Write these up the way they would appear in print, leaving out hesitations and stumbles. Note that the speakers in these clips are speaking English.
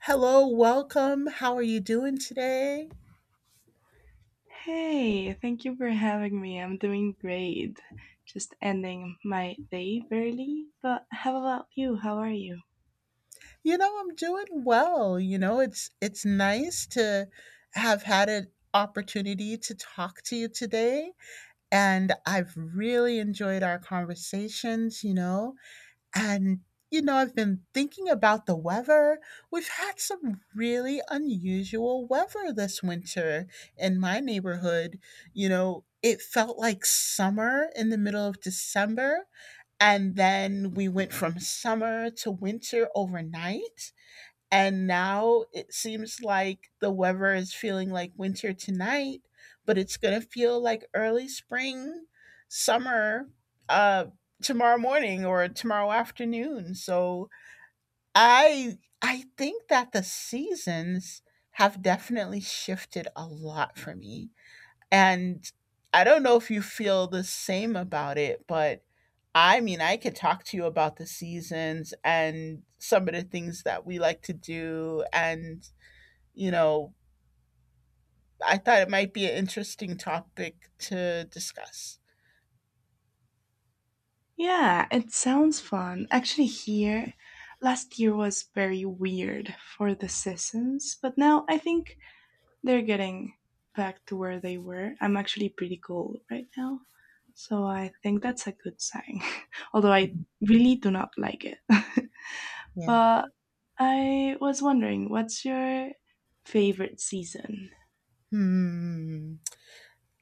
Hello, welcome. How are you doing today? Hey, thank you for having me. I'm doing great. Just ending my day early. But how about you? How are you? You know, I'm doing well. It's nice to have had an opportunity to talk to you today, and I've really enjoyed our conversations. And I've been thinking about the weather. We've had some really unusual weather this winter in my neighborhood. You know, it felt like summer in the middle of December. And then we went from summer to winter overnight. And now it seems like the weather is feeling like winter tonight, but it's going to feel like early spring, summer, uh, tomorrow morning or tomorrow afternoon. So I think that the seasons have definitely shifted a lot for me. And I don't know if you feel the same about it, but I mean, I could talk to you about the seasons and some of the things that we like to do. You know, I thought it might be an interesting topic to discuss. Yeah, it sounds fun. Actually, here, last year was very weird for the seasons, but now I think they're getting back to where they were. I'm actually pretty cold right now, so I think that's a good sign. Although I really do not like it. Yeah. But I was wondering, what's your favorite season? Hmm.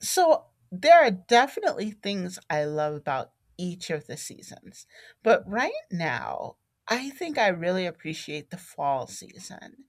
So there are definitely things I love about each of the seasons. But right now, I think I really appreciate the fall season.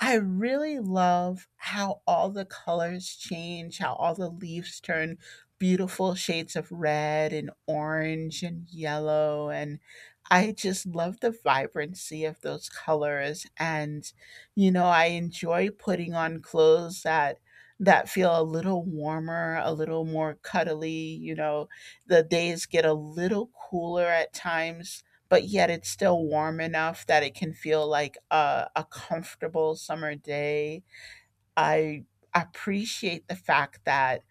I really love how all the colors change, how all the leaves turn beautiful shades of red and orange and yellow. And I just love the vibrancy of those colors. And, you know, I enjoy putting on clothes that feel a little warmer, a little more cuddly. The days get a little cooler at times, but yet it's still warm enough that it can feel like a comfortable summer day. I appreciate the fact that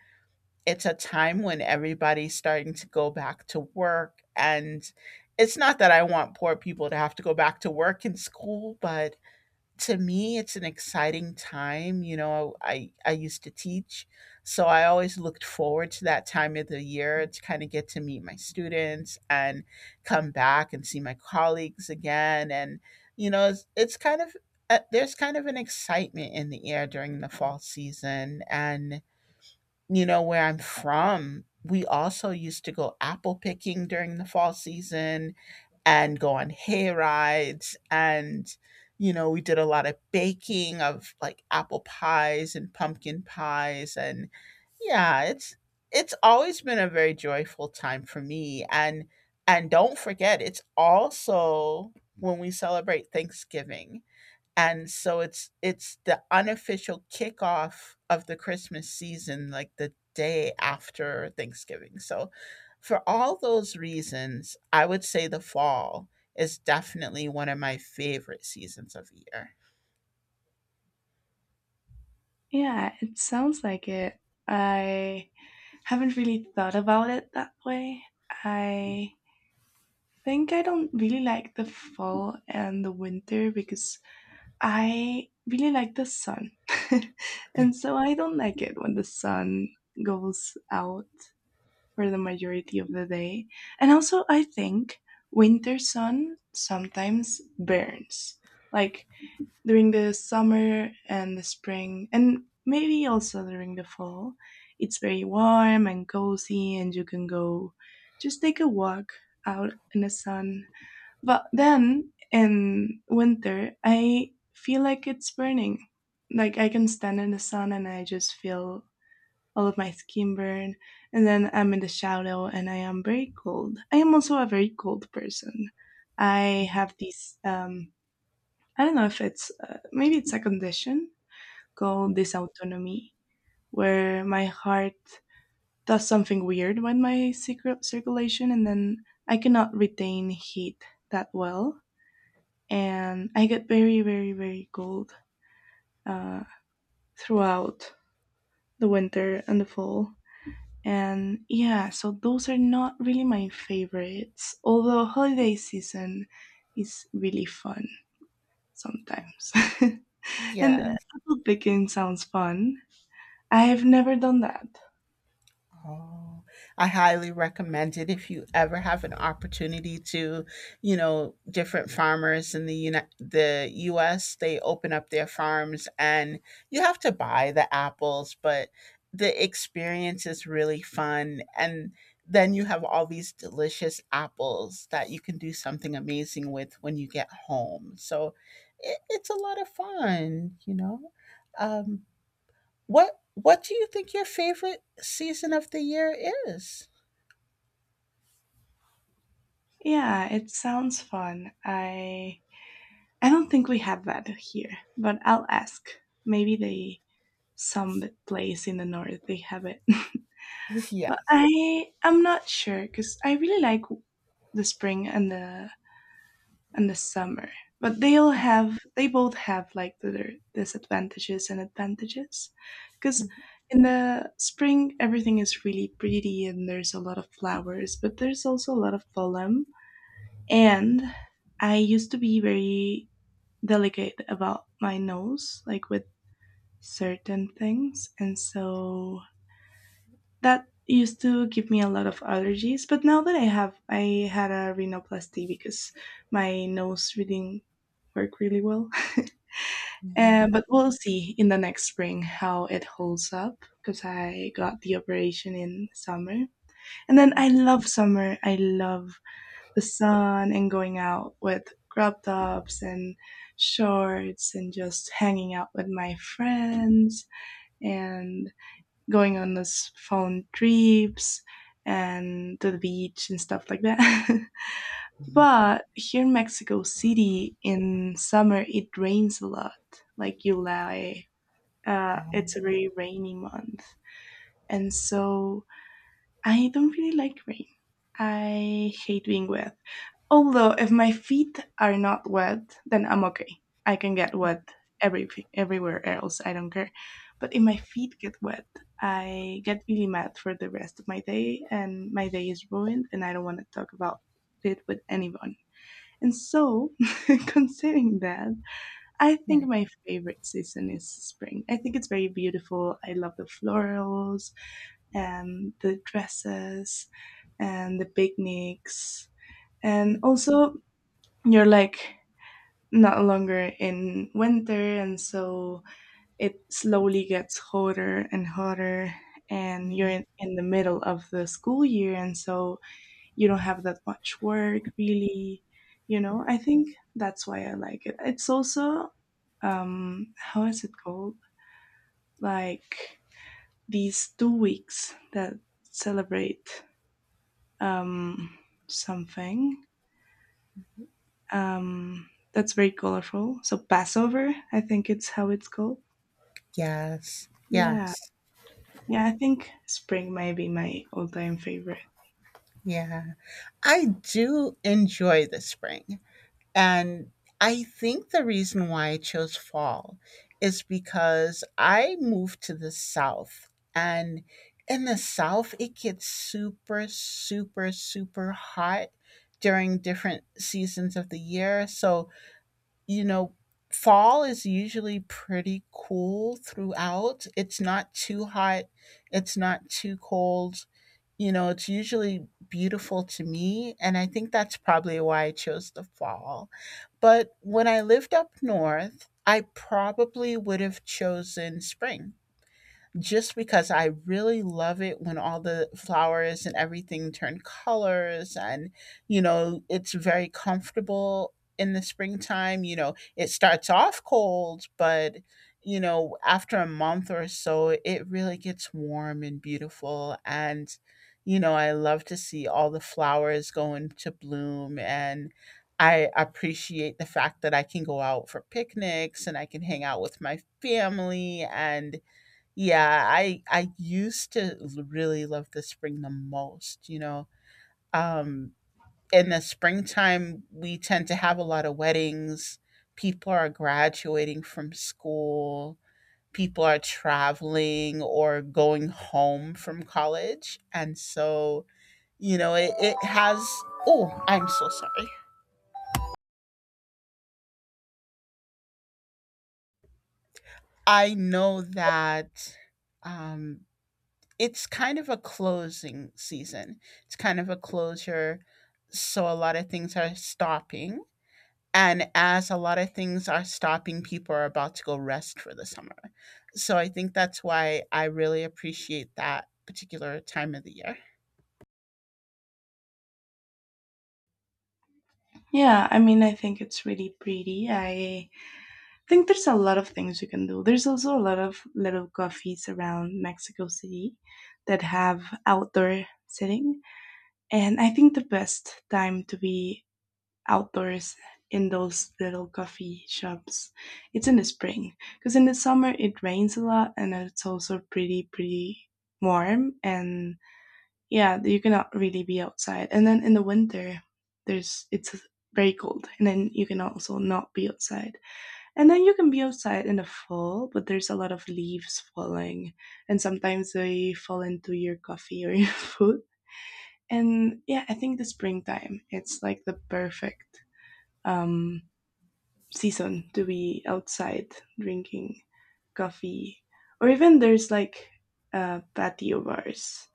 it's a time when everybody's starting to go back to work. And it's not that I want poor people to have to go back to work and school, but to me it's an exciting time. You know, I used to teach, so I always looked forward to that time of the year to kind of get to meet my students and come back and see my colleagues again. And you know, it's kind of there's kind of an excitement in the air during the fall season. And you know, where I'm from, we also used to go apple picking during the fall season and go on hay rides. And, you know, we did a lot of baking of like apple pies and pumpkin pies. And yeah, it's, it's always been a very joyful time for me. And don't forget, it's also when we celebrate Thanksgiving. And so it's the unofficial kickoff of the Christmas season, like the day after Thanksgiving. So for all those reasons, I would say the fall is definitely one of my favorite seasons of the year. Yeah, it sounds like it. I haven't really thought about it that way. I think I don't really like the fall and the winter because I really like the sun. And so I don't like it when the sun goes out for the majority of the day. And also, I think winter sun sometimes burns. Like, during the summer and the spring and maybe also during the fall, it's very warm and cozy and you can go just take a walk out in the sun. But then in winter I feel like it's burning. Like, I can stand in the sun and I just feel all of my skin burn, and then I'm in the shadow and I am very cold. I am also a very cold person. I have these. I don't know if it's maybe it's a condition called dysautonomy, where my heart does something weird with my secret circulation, and then I cannot retain heat that well, and I get very, very, very cold uh, throughout the winter and the fall. And yeah, so those are not really my favorites, although holiday season is really fun sometimes. And Yes. apple picking sounds fun. I've never done that. Oh, I highly recommend it if you ever have an opportunity to, you know, different farmers in the the US, they open up their farms and you have to buy the apples, but the experience is really fun. And then you have all these delicious apples that you can do something amazing with when you get home. So it's a lot of fun, you know. Um, what do you think your favorite season of the year is? Yeah, it sounds fun. I don't think we have that here, but I'll ask. Maybe they some place in the north they have it. But Yes. I'm not sure cuz I really like the spring and the summer. But they both have like their disadvantages and advantages, cuz in the spring everything is really pretty and there's a lot of flowers, but there's also a lot of pollen. And I used to be very delicate about my nose, like with certain things. And so that used to give me a lot of allergies. But now that I had a rhinoplasty because my nose reading work really well. Mhm. But we'll see in the next spring how it holds up because I got the operation in summer. And then I love summer. I love the sun and going out with crop tops and shorts and just hanging out with my friends and going on those phone trips and to the beach and stuff like that. But here in Mexico City in summer it rains a lot, like July. It's Um, a very rainy month, and so I don't really like rain. I hate being wet. Although if my feet are not wet, then I'm okay. I can get wet every everywhere else. I don't care. But if my feet get wet, I get really mad for the rest of my day, and my day is ruined. And I don't want to talk about it with anyone. And so, considering that, I yeah. think my favorite season is spring. I think it's very beautiful. I love the florals and the dresses and the picnics. And also, you're like not longer in winter, and so it slowly gets hotter and hotter, and you're Mhm. in the middle of the school year, and so you don't have that much work really. Yeah. I think that's why I like it. It's also how is it called, like these 2 weeks that celebrate um something. That's very colorful. So Passover, I think it's how it's called. Yes. Yeah. Yes. Yeah, I think spring might be my all-time favorite. Yeah. I do enjoy the spring. And I think the reason why I chose fall is because I moved to the South. And in the South, it gets super, super, super hot during different seasons of the year. So you know, fall is usually pretty cool throughout. It's not too hot, it's not too cold. You know, it's usually beautiful to me. And I think that's probably why I chose the fall. But when I lived up north, I probably would have chosen spring, just because I really love it when all the flowers and everything turn colors. And you know, it's very comfortable in the springtime. You know, it starts off cold, but you know, after a month or so it really gets warm and beautiful. And you know, I love to see all the flowers go into bloom. And I appreciate the fact that I can go out for picnics and I can hang out with my family. And yeah, I used to l really love the spring the most, you know? Um, in the springtime, we tend to have a lot of weddings, people are graduating from school, people are traveling or going home from college, and so, you know, it has. Oh, I'm so sorry. I know that, um it's kind of a closing season. It's kind of a closure. So a lot of things are stopping. And as a lot of things are stopping, people are about to go rest for the summer. So I think that's why I really appreciate that particular time of the year. Yeah, I mean, I think it's really pretty. I think there's a lot of things you can do. There's also a lot of little coffees around Mexico City that have outdoor sitting, and I think the best time to be outdoors in those little coffee shops. It's in the spring because in the summer it rains a lot and it's also pretty warm, and yeah, you cannot really be outside. And then in the winter, there's it's very cold, and then you can also not be outside. And then you can be outside in the fall, but there's a lot of leaves falling and sometimes they fall into your coffee or your food. And yeah, I think the springtime, it's like the perfect um season to be outside drinking coffee. Or even there's like patio bars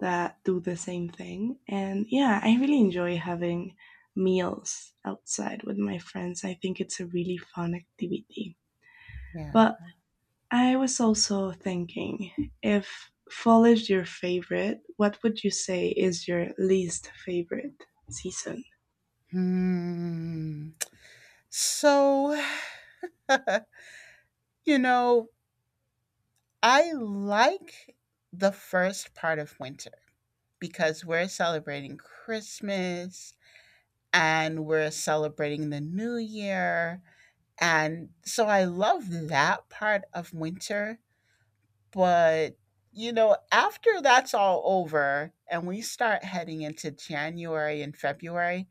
that do the same thing. And yeah, I really enjoy having meals outside with my friends. I think it's a really fun activity. Yeah. But I was also thinking, if fall is your favorite, what would you say is your least favorite season? Hmm. So, you know, I like the first part of winter because we're celebrating Christmas and we're celebrating the new year. And so I love that part of winter. But, you know, after that's all over and we start heading into January and February,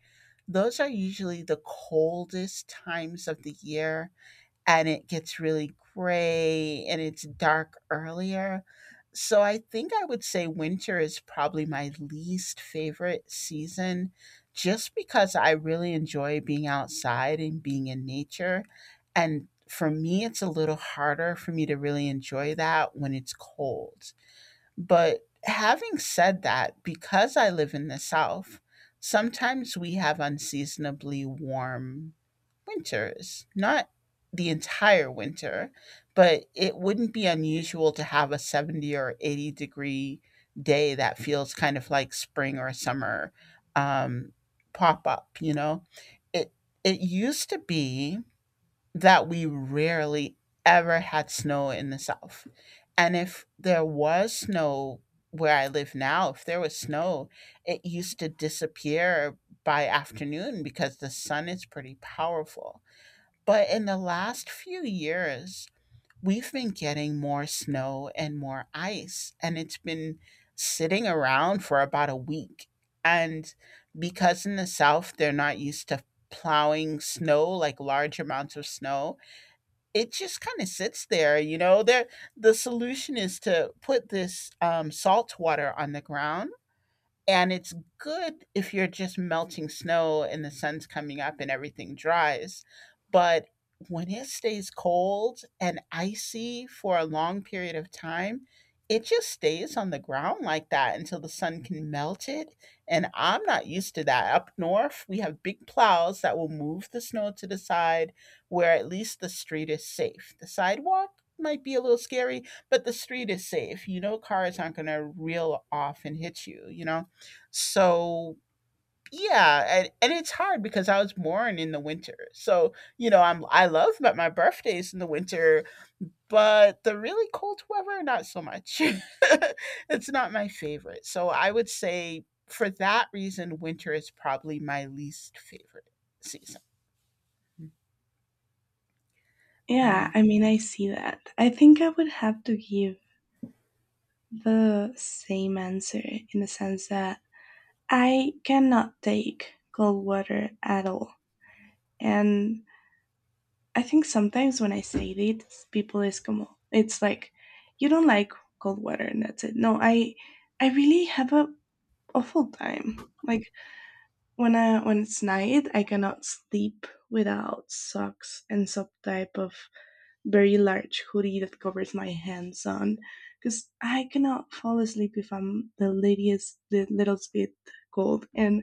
those are usually the coldest times of the year and it gets really gray and it's dark earlier. So I think I would say winter is probably my least favorite season, just because I really enjoy being outside and being in nature. And for me, it's a little harder for me to really enjoy that when it's cold. But having said that, because I live in the South, sometimes we have unseasonably warm winters, not the entire winter, but it wouldn't be unusual to have a 70 or 80-degree day that feels kind of like spring or summer, um, pop up, you know? It, it used to be that we rarely ever had snow in the South. And if there was snow where I live now, if there was snow, it used to disappear by afternoon because the sun is pretty powerful. But in the last few years, we've been getting more snow and more ice, and it's been sitting around for about a week. And because in the South, they're not used to plowing snow, like large amounts of snow, it just kind of sits there. The solution is to put this salt water on the ground, and it's good if you're just melting snow and the sun's coming up and everything dries. But when it stays cold and icy for a long period of time, it just stays on the ground like that until the sun can melt it. And I'm not used to that. Up north, we have big plows that will move the snow to the side where at least the street is safe. The sidewalk might be a little scary, but the street is safe. You know, cars aren't going to reel off and hit you, you know? So yeah, and it's hard because I was born in the winter. So, you know, I love that my birthday's in the winter, but the really cold weather, not so much. It's not my favorite. So I would say for that reason, winter is probably my least favorite season. Yeah, Um. I mean, I see that. I think I would have to give the same answer, in the sense that I cannot take cold water at all. And I think sometimes when I say this, people is como, it's like, you don't like cold water and that's it. No, I really have a awful time. Like when it's night, I cannot sleep without socks and some type of very large hoodie that covers my hands on, because I cannot fall asleep if I'm the latest, the littlest bit cold. And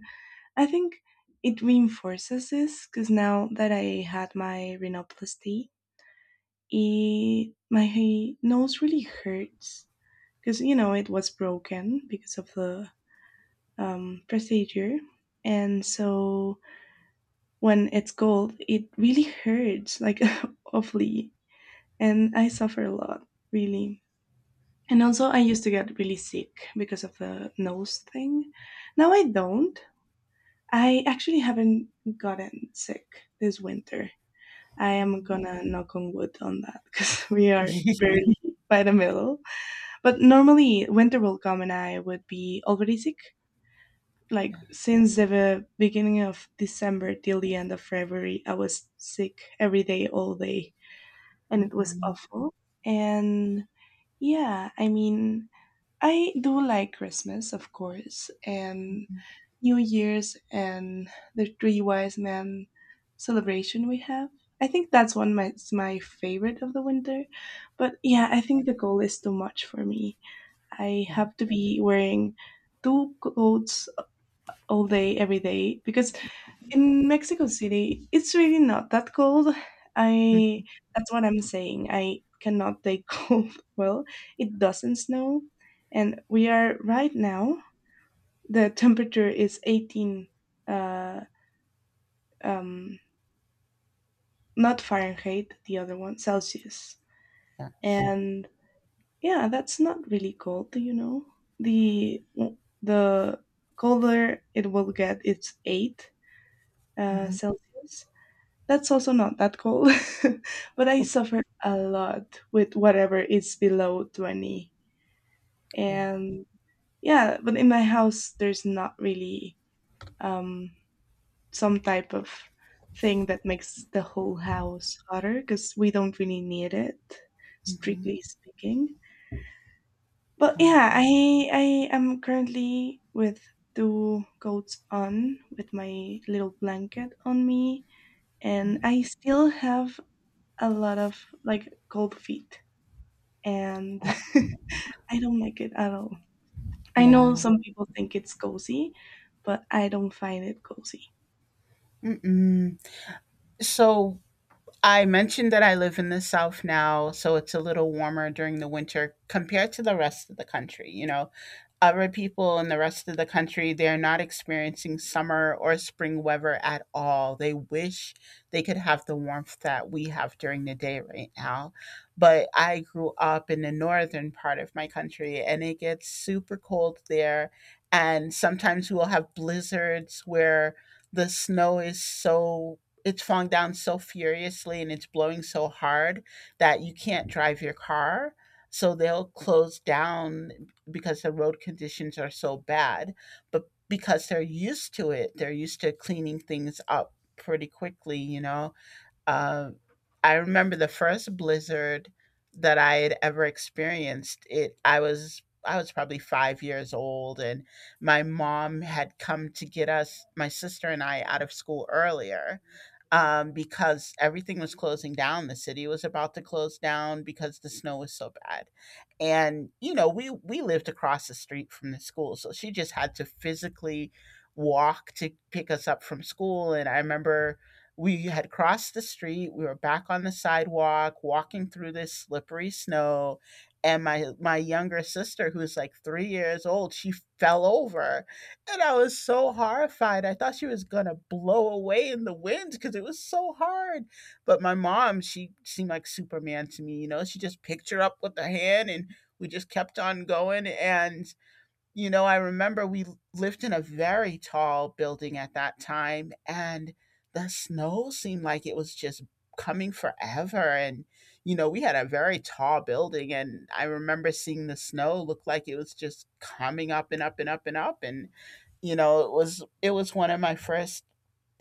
I think it reinforces this because now that I had my rhinoplasty, my nose really hurts because you know it was broken because of the procedure, and so when it's cold, it really hurts like awfully, and I suffer a lot really. And also, I used to get really sick because of the nose thing. Now I don't. I actually haven't gotten sick this winter. I am Mm. gonna knock on wood on that because we are barely by the middle. But normally, winter will come and I would be already sick. Like Yeah. since the beginning of December till the end of February, I was sick every day, all day, and it was Mhm. awful. And yeah, I mean, I do like Christmas, of course, and Mhm. New Year's and the Three Wise Men celebration we have. I think that's one my it's my favorite of the winter. But Yeah. yeah, I think the cold is too much for me. I Yeah. have to be wearing two coats all day every day because in Mexico City, it's really not that cold. Mm. I That's what I'm saying. I cannot take cold well. It doesn't snow, and we are right now. The temperature is 18, uh, um, not Fahrenheit. The other one Celsius, Yes. and yeah, that's not really cold. You know, the the colder it will get, it's 8 Mhm. Celsius. That's also not that cold. But I suffered a lot with whatever is below 20. Yeah. And yeah, but in my house, there's not really um, some type of thing that makes the whole house hotter because we don't really need it, Mhm. strictly speaking. But Wow. yeah, I am currently with two coats on with my little blanket on me, and I still have a lot of like cold feet, and Oh. I don't like it at all. I know Yeah. some people think it's cozy, but I don't find it cozy. Mm-mm. So I mentioned that I live in the South now, so it's a little warmer during the winter compared to the rest of the country. You know, other people in the rest of the country, they're not experiencing summer or spring weather at all. They wish they could have the warmth that we have during the day right now. But I grew up in the northern part of my country and it gets super cold there. And sometimes we'll have blizzards where the snow is so it's falling down so furiously and it's blowing so hard that you can't drive your car. So they'll close down because the road conditions are so bad. But because they're used to it, they're used to cleaning things up pretty quickly, you know. Um, I remember the first blizzard that I had ever experienced. It I was probably 5 years old, and my mom had come to get us, my sister and I, out of school earlier, because everything was closing down. The city was about to close down because the snow was so bad, and you know we lived across the street from the school, so she just had to physically walk to pick us up from school. And I remember we had crossed the street, we were back on the sidewalk walking through this slippery snow, and my younger sister, who was like 3 years old, she fell over. And I was so horrified, I thought she was going to blow away in the wind, cuz it was so hard. But my mom, she seemed like Superman to me, you know, she just picked her up with her hand, and we just kept on going. And I remember we lived in a very tall building at that time, and the snow seemed like it was just coming forever. We had a very tall building, and I remember seeing the snow look like it was just coming up and up and up and up. And it was one of my first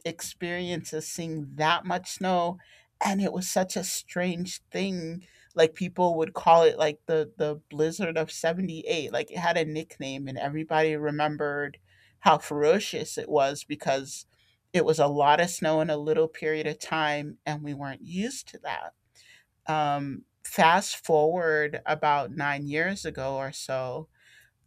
experiences seeing that much snow, and it was such a strange thing. Like, people would call it like the blizzard of 78, like it had a nickname, and everybody remembered how ferocious it was, because it was a lot of snow in a little period of time and we weren't used to that. Fast forward about 9 years ago or so,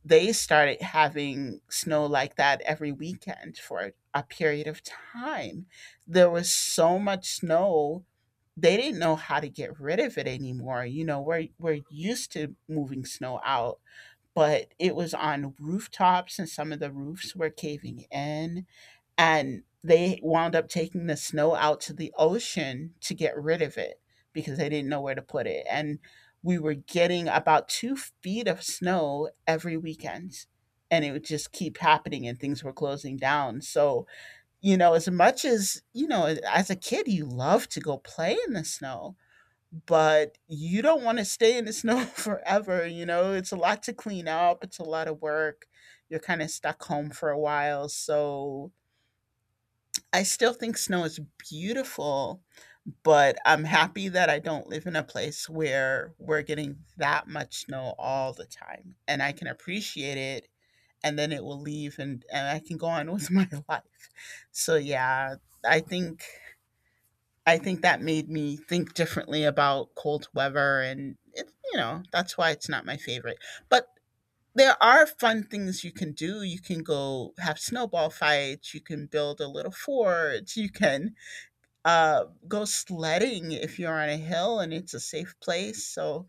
they started having snow like that every weekend for a period of time. There was so much snow, they didn't know how to get rid of it anymore. You know, we're used to moving snow out, but it was on rooftops and some of the roofs were caving in, and they wound up taking the snow out to the ocean to get rid of it, because they didn't know where to put it. And we were getting about 2 feet of snow every weekend, and it would just keep happening and things were closing down. So, you know, as much as, you know, as a kid you love to go play in the snow, but you don't want to stay in the snow forever. You know, it's a lot to clean up, it's a lot of work, you're kind of stuck home for a while. So I still think snow is beautiful, but I'm happy that I don't live in a place where we're getting that much snow all the time, and I can appreciate it and then it will leave, and I can go on with my life. So yeah, I think I think that made me think differently about cold weather, and it, you know, that's why it's not my favorite. But there are fun things you can do. You can go have snowball fights, you can build a little fort, you can go sledding if you're on a hill and it's a safe place. So,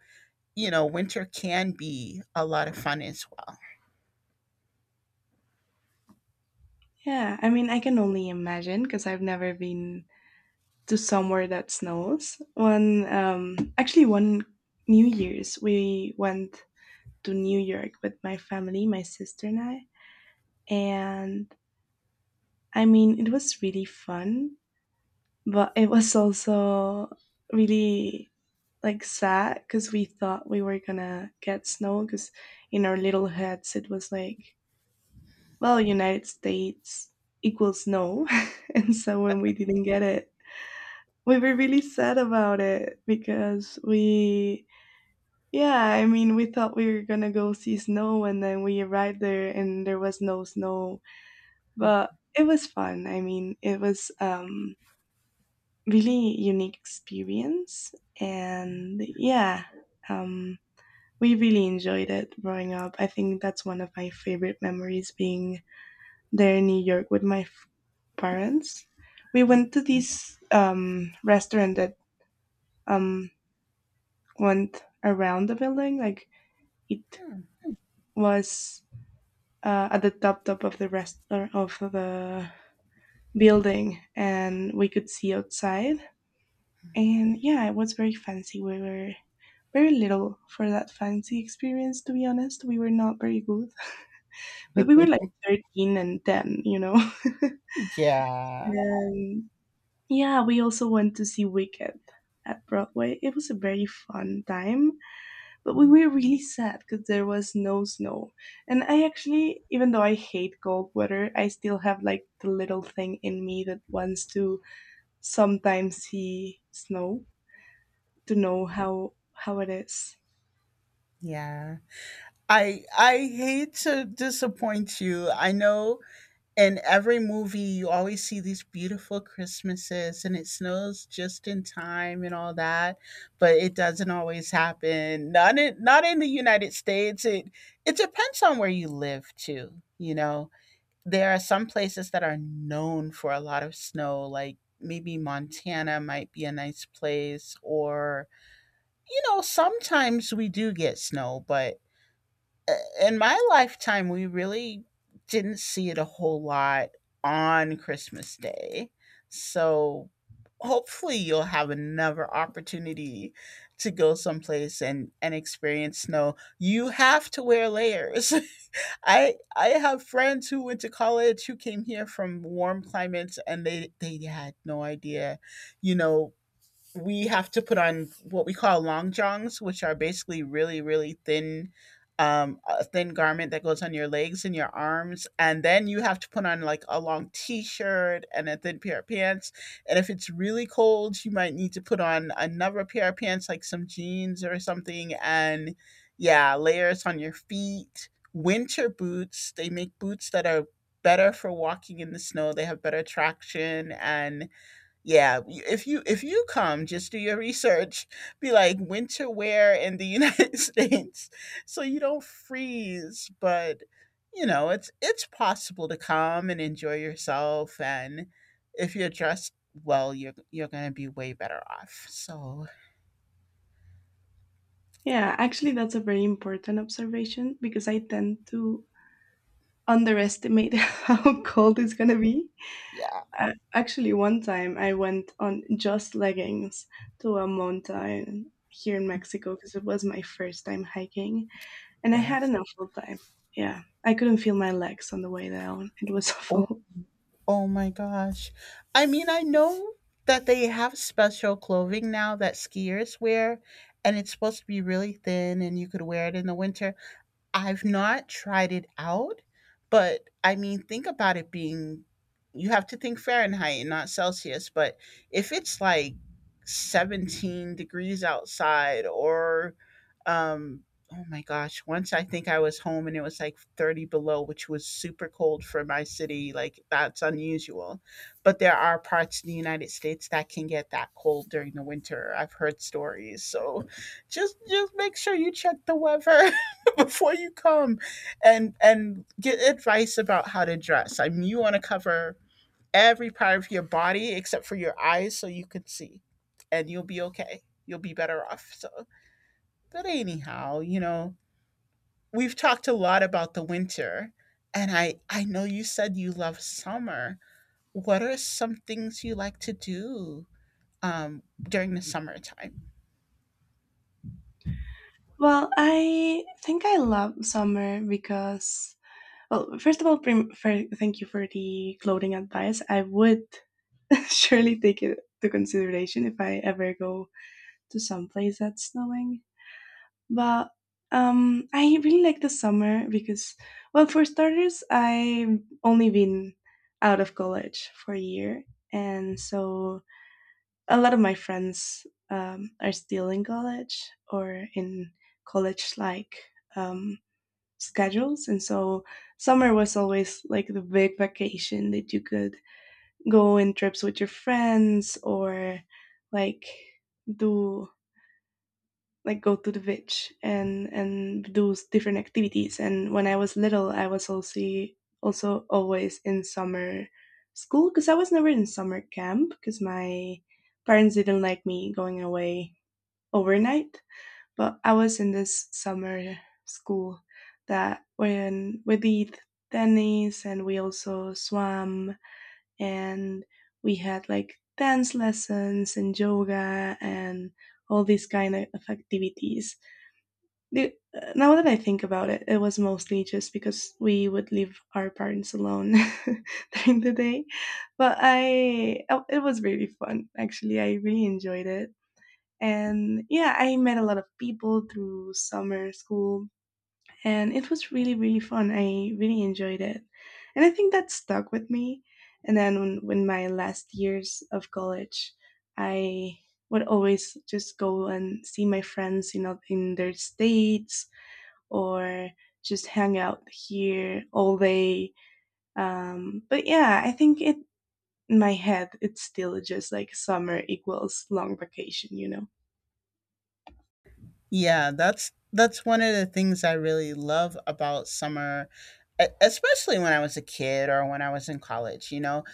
you know, winter can be a lot of fun as well. Yeah, I mean, I can only imagine because I've never been to somewhere that snows. One New Year's, we went to New York with my family, my sister and I. And I mean, it was really fun, but it was also really like sad because we thought we were gonna get snow because in our little heads it was like, well, United States equals snow. And so when we didn't get it, we were really sad about it because we Yeah, I mean, we thought we were gonna go see snow, and then we arrived there, and there was no snow. But it was fun. I mean, it was really unique experience, and yeah, um, we really enjoyed it growing up. I think that's one of my favorite memories being there in New York with my parents. We went to this restaurant that um went around the building, like it was at the top of the rest of the building, and we could see outside. And yeah, it was very fancy. We were very little for that fancy experience. To be honest, we were not very good, but we were like 13 and 10, you know. Yeah. And yeah, we also went to see Wicked at Broadway. It was a very fun time. But we were really sad because there was no snow. And I actually, even though I hate cold weather, I still have like the little thing in me that wants to sometimes see snow to know how it is. Yeah. I hate to disappoint you. I know in every movie you always see these beautiful Christmases and it snows just in time and all that, but it doesn't always happen. Not in the United States. It depends on where you live too, you know. There are some places that are known for a lot of snow, like maybe Montana might be a nice place, or, you know, sometimes we do get snow, but uh, in my lifetime, we really didn't see it a whole lot on Christmas Day. So hopefully you'll have another opportunity to go someplace and experience snow. You have to wear layers. I have friends who went to college who came here from warm climates and they had no idea, you know, we have to put on what we call long johns, which are basically really, really thin, a thin garment that goes on your legs and your arms. And then you have to put on like a long t shirt and a thin pair of pants. And if it's really cold, you might need to put on another pair of pants, like some jeans or something. And yeah, layers on your feet. Winter boots, they make boots that are better for walking in the snow. They have better traction. And yeah, if you come, just do your research. Be like winter wear in the United States, so you don't freeze. But you know, it's possible to come and enjoy yourself, and if you're dressed well, you're gonna be way better off. So Yeah, actually, that's a very important observation because I tend to underestimate how cold it's gonna be. yeah, Actually, one time I went on just leggings to a mountain here in Mexico because it was my first time hiking. And I had yes. an awful time. Yeah. I couldn't feel my legs on the way down. It was Oh, awful. oh my gosh, I mean, I know that they have special clothing now that skiers wear, and it's supposed to be really thin, and you could wear it in the winter. I've not tried it out, but I mean, think about it being, you have to think Fahrenheit and not Celsius. But if it's like 17 degrees outside, or um oh my gosh, once I think I was home and it was like 30 below, which was super cold for my city, like that's unusual. But there are parts of the United States that can get that cold during the winter. I've heard stories. So just make sure you check the weather. Before you come and get advice about how to dress. I mean, you want to cover every part of your body except for your eyes so you can see, and you'll be okay. You'll be better off. So, but anyhow, you know, we've talked a lot about the winter, and I know you said you love summer. What are some things you like to do during the summertime? Well, I think I love summer because, well, first of all, thank you for the clothing advice. I would surely take it to consideration if I ever go to some place that's snowing. But I really like the summer because, well, for starters, I've only been out of college for a year, and so a lot of my friends are still in college or in college like um, schedules, and so summer was always like the big vacation that you could go on trips with your friends or like do, like, go to the beach and do different activities. And when I was little, I was also always in summer school because I was never in summer camp because my parents didn't like me going away overnight. But I was in this summer school that when we did tennis and we also swam, and we had like dance lessons and yoga and all these kind of activities. Now that I think about it, it was mostly just because we would leave our parents alone during the day. But oh, it was really fun. Actually, I really enjoyed it. And yeah, I met a lot of people through summer school, and it was really, really fun. I really enjoyed it. And I think that stuck with me. And then when my last years of college, I would always just go and see my friends, in their states or just hang out here all day. But yeah, I think it in my head it's still just like summer equals long vacation. Yeah, that's one of the things I really love about summer, especially when I was a kid or when I was in college, you know.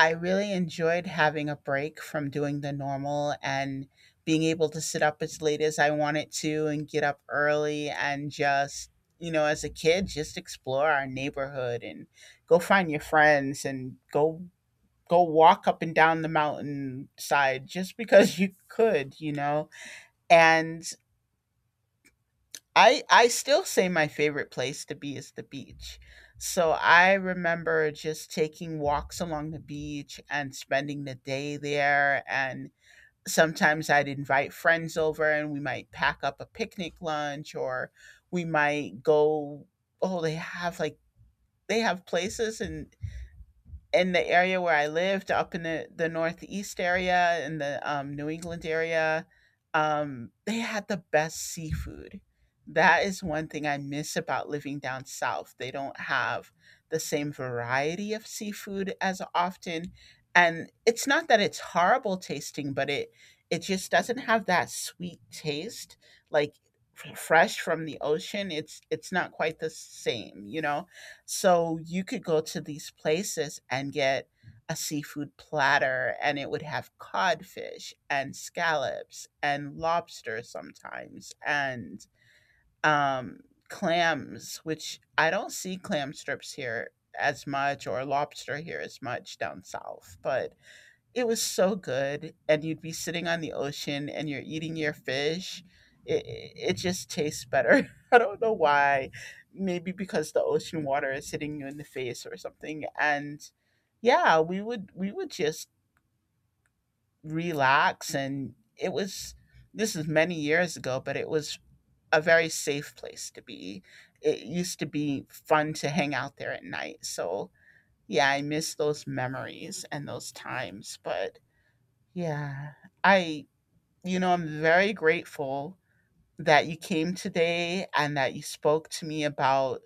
I really enjoyed having a break from doing the normal and being able to sit up as late as I wanted to and get up early and just, you know, as a kid, just explore our neighborhood and go find your friends and go walk up and down the mountainside just because you could, you know. And I still say my favorite place to be is the beach. So I remember just taking walks along the beach and spending the day there, and sometimes I'd invite friends over and we might pack up a picnic lunch, or we might go, oh, they have like, they have places in the area where I lived, up in the Northeast area, in the New England area, they had the best seafood. That is one thing I miss about living down south. They don't have the same variety of seafood as often. And it's not that it's horrible tasting, but it just doesn't have that sweet taste. Like, fresh from the ocean, it's not quite the same, you know? So you could go to these places and get a seafood platter, and it would have codfish and scallops and lobster sometimes and um, clams. Which, I don't see clam strips here as much, or lobster here as much down south, but it was so good, and you'd be sitting on the ocean and you're eating your fish. It just tastes better. I don't know why. Maybe because the ocean water is hitting you in the face or something. And yeah, we would just relax, and it was, this is many years ago, but it was a very safe place to be. It used to be fun to hang out there at night. So yeah, I miss those memories and those times, but yeah. I, you know, I'm very grateful that you came today and that you spoke to me about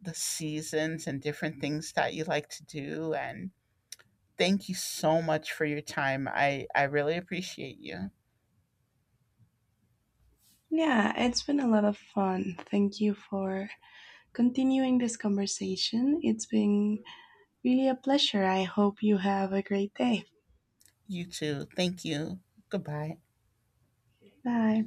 the seasons and different things that you like to do. And thank you so much for your time. I really appreciate you. Yeah, it's been a lot of fun. Thank you for continuing this conversation. It's been really a pleasure. I hope you have a great day. You too. Thank you. Goodbye. Bye.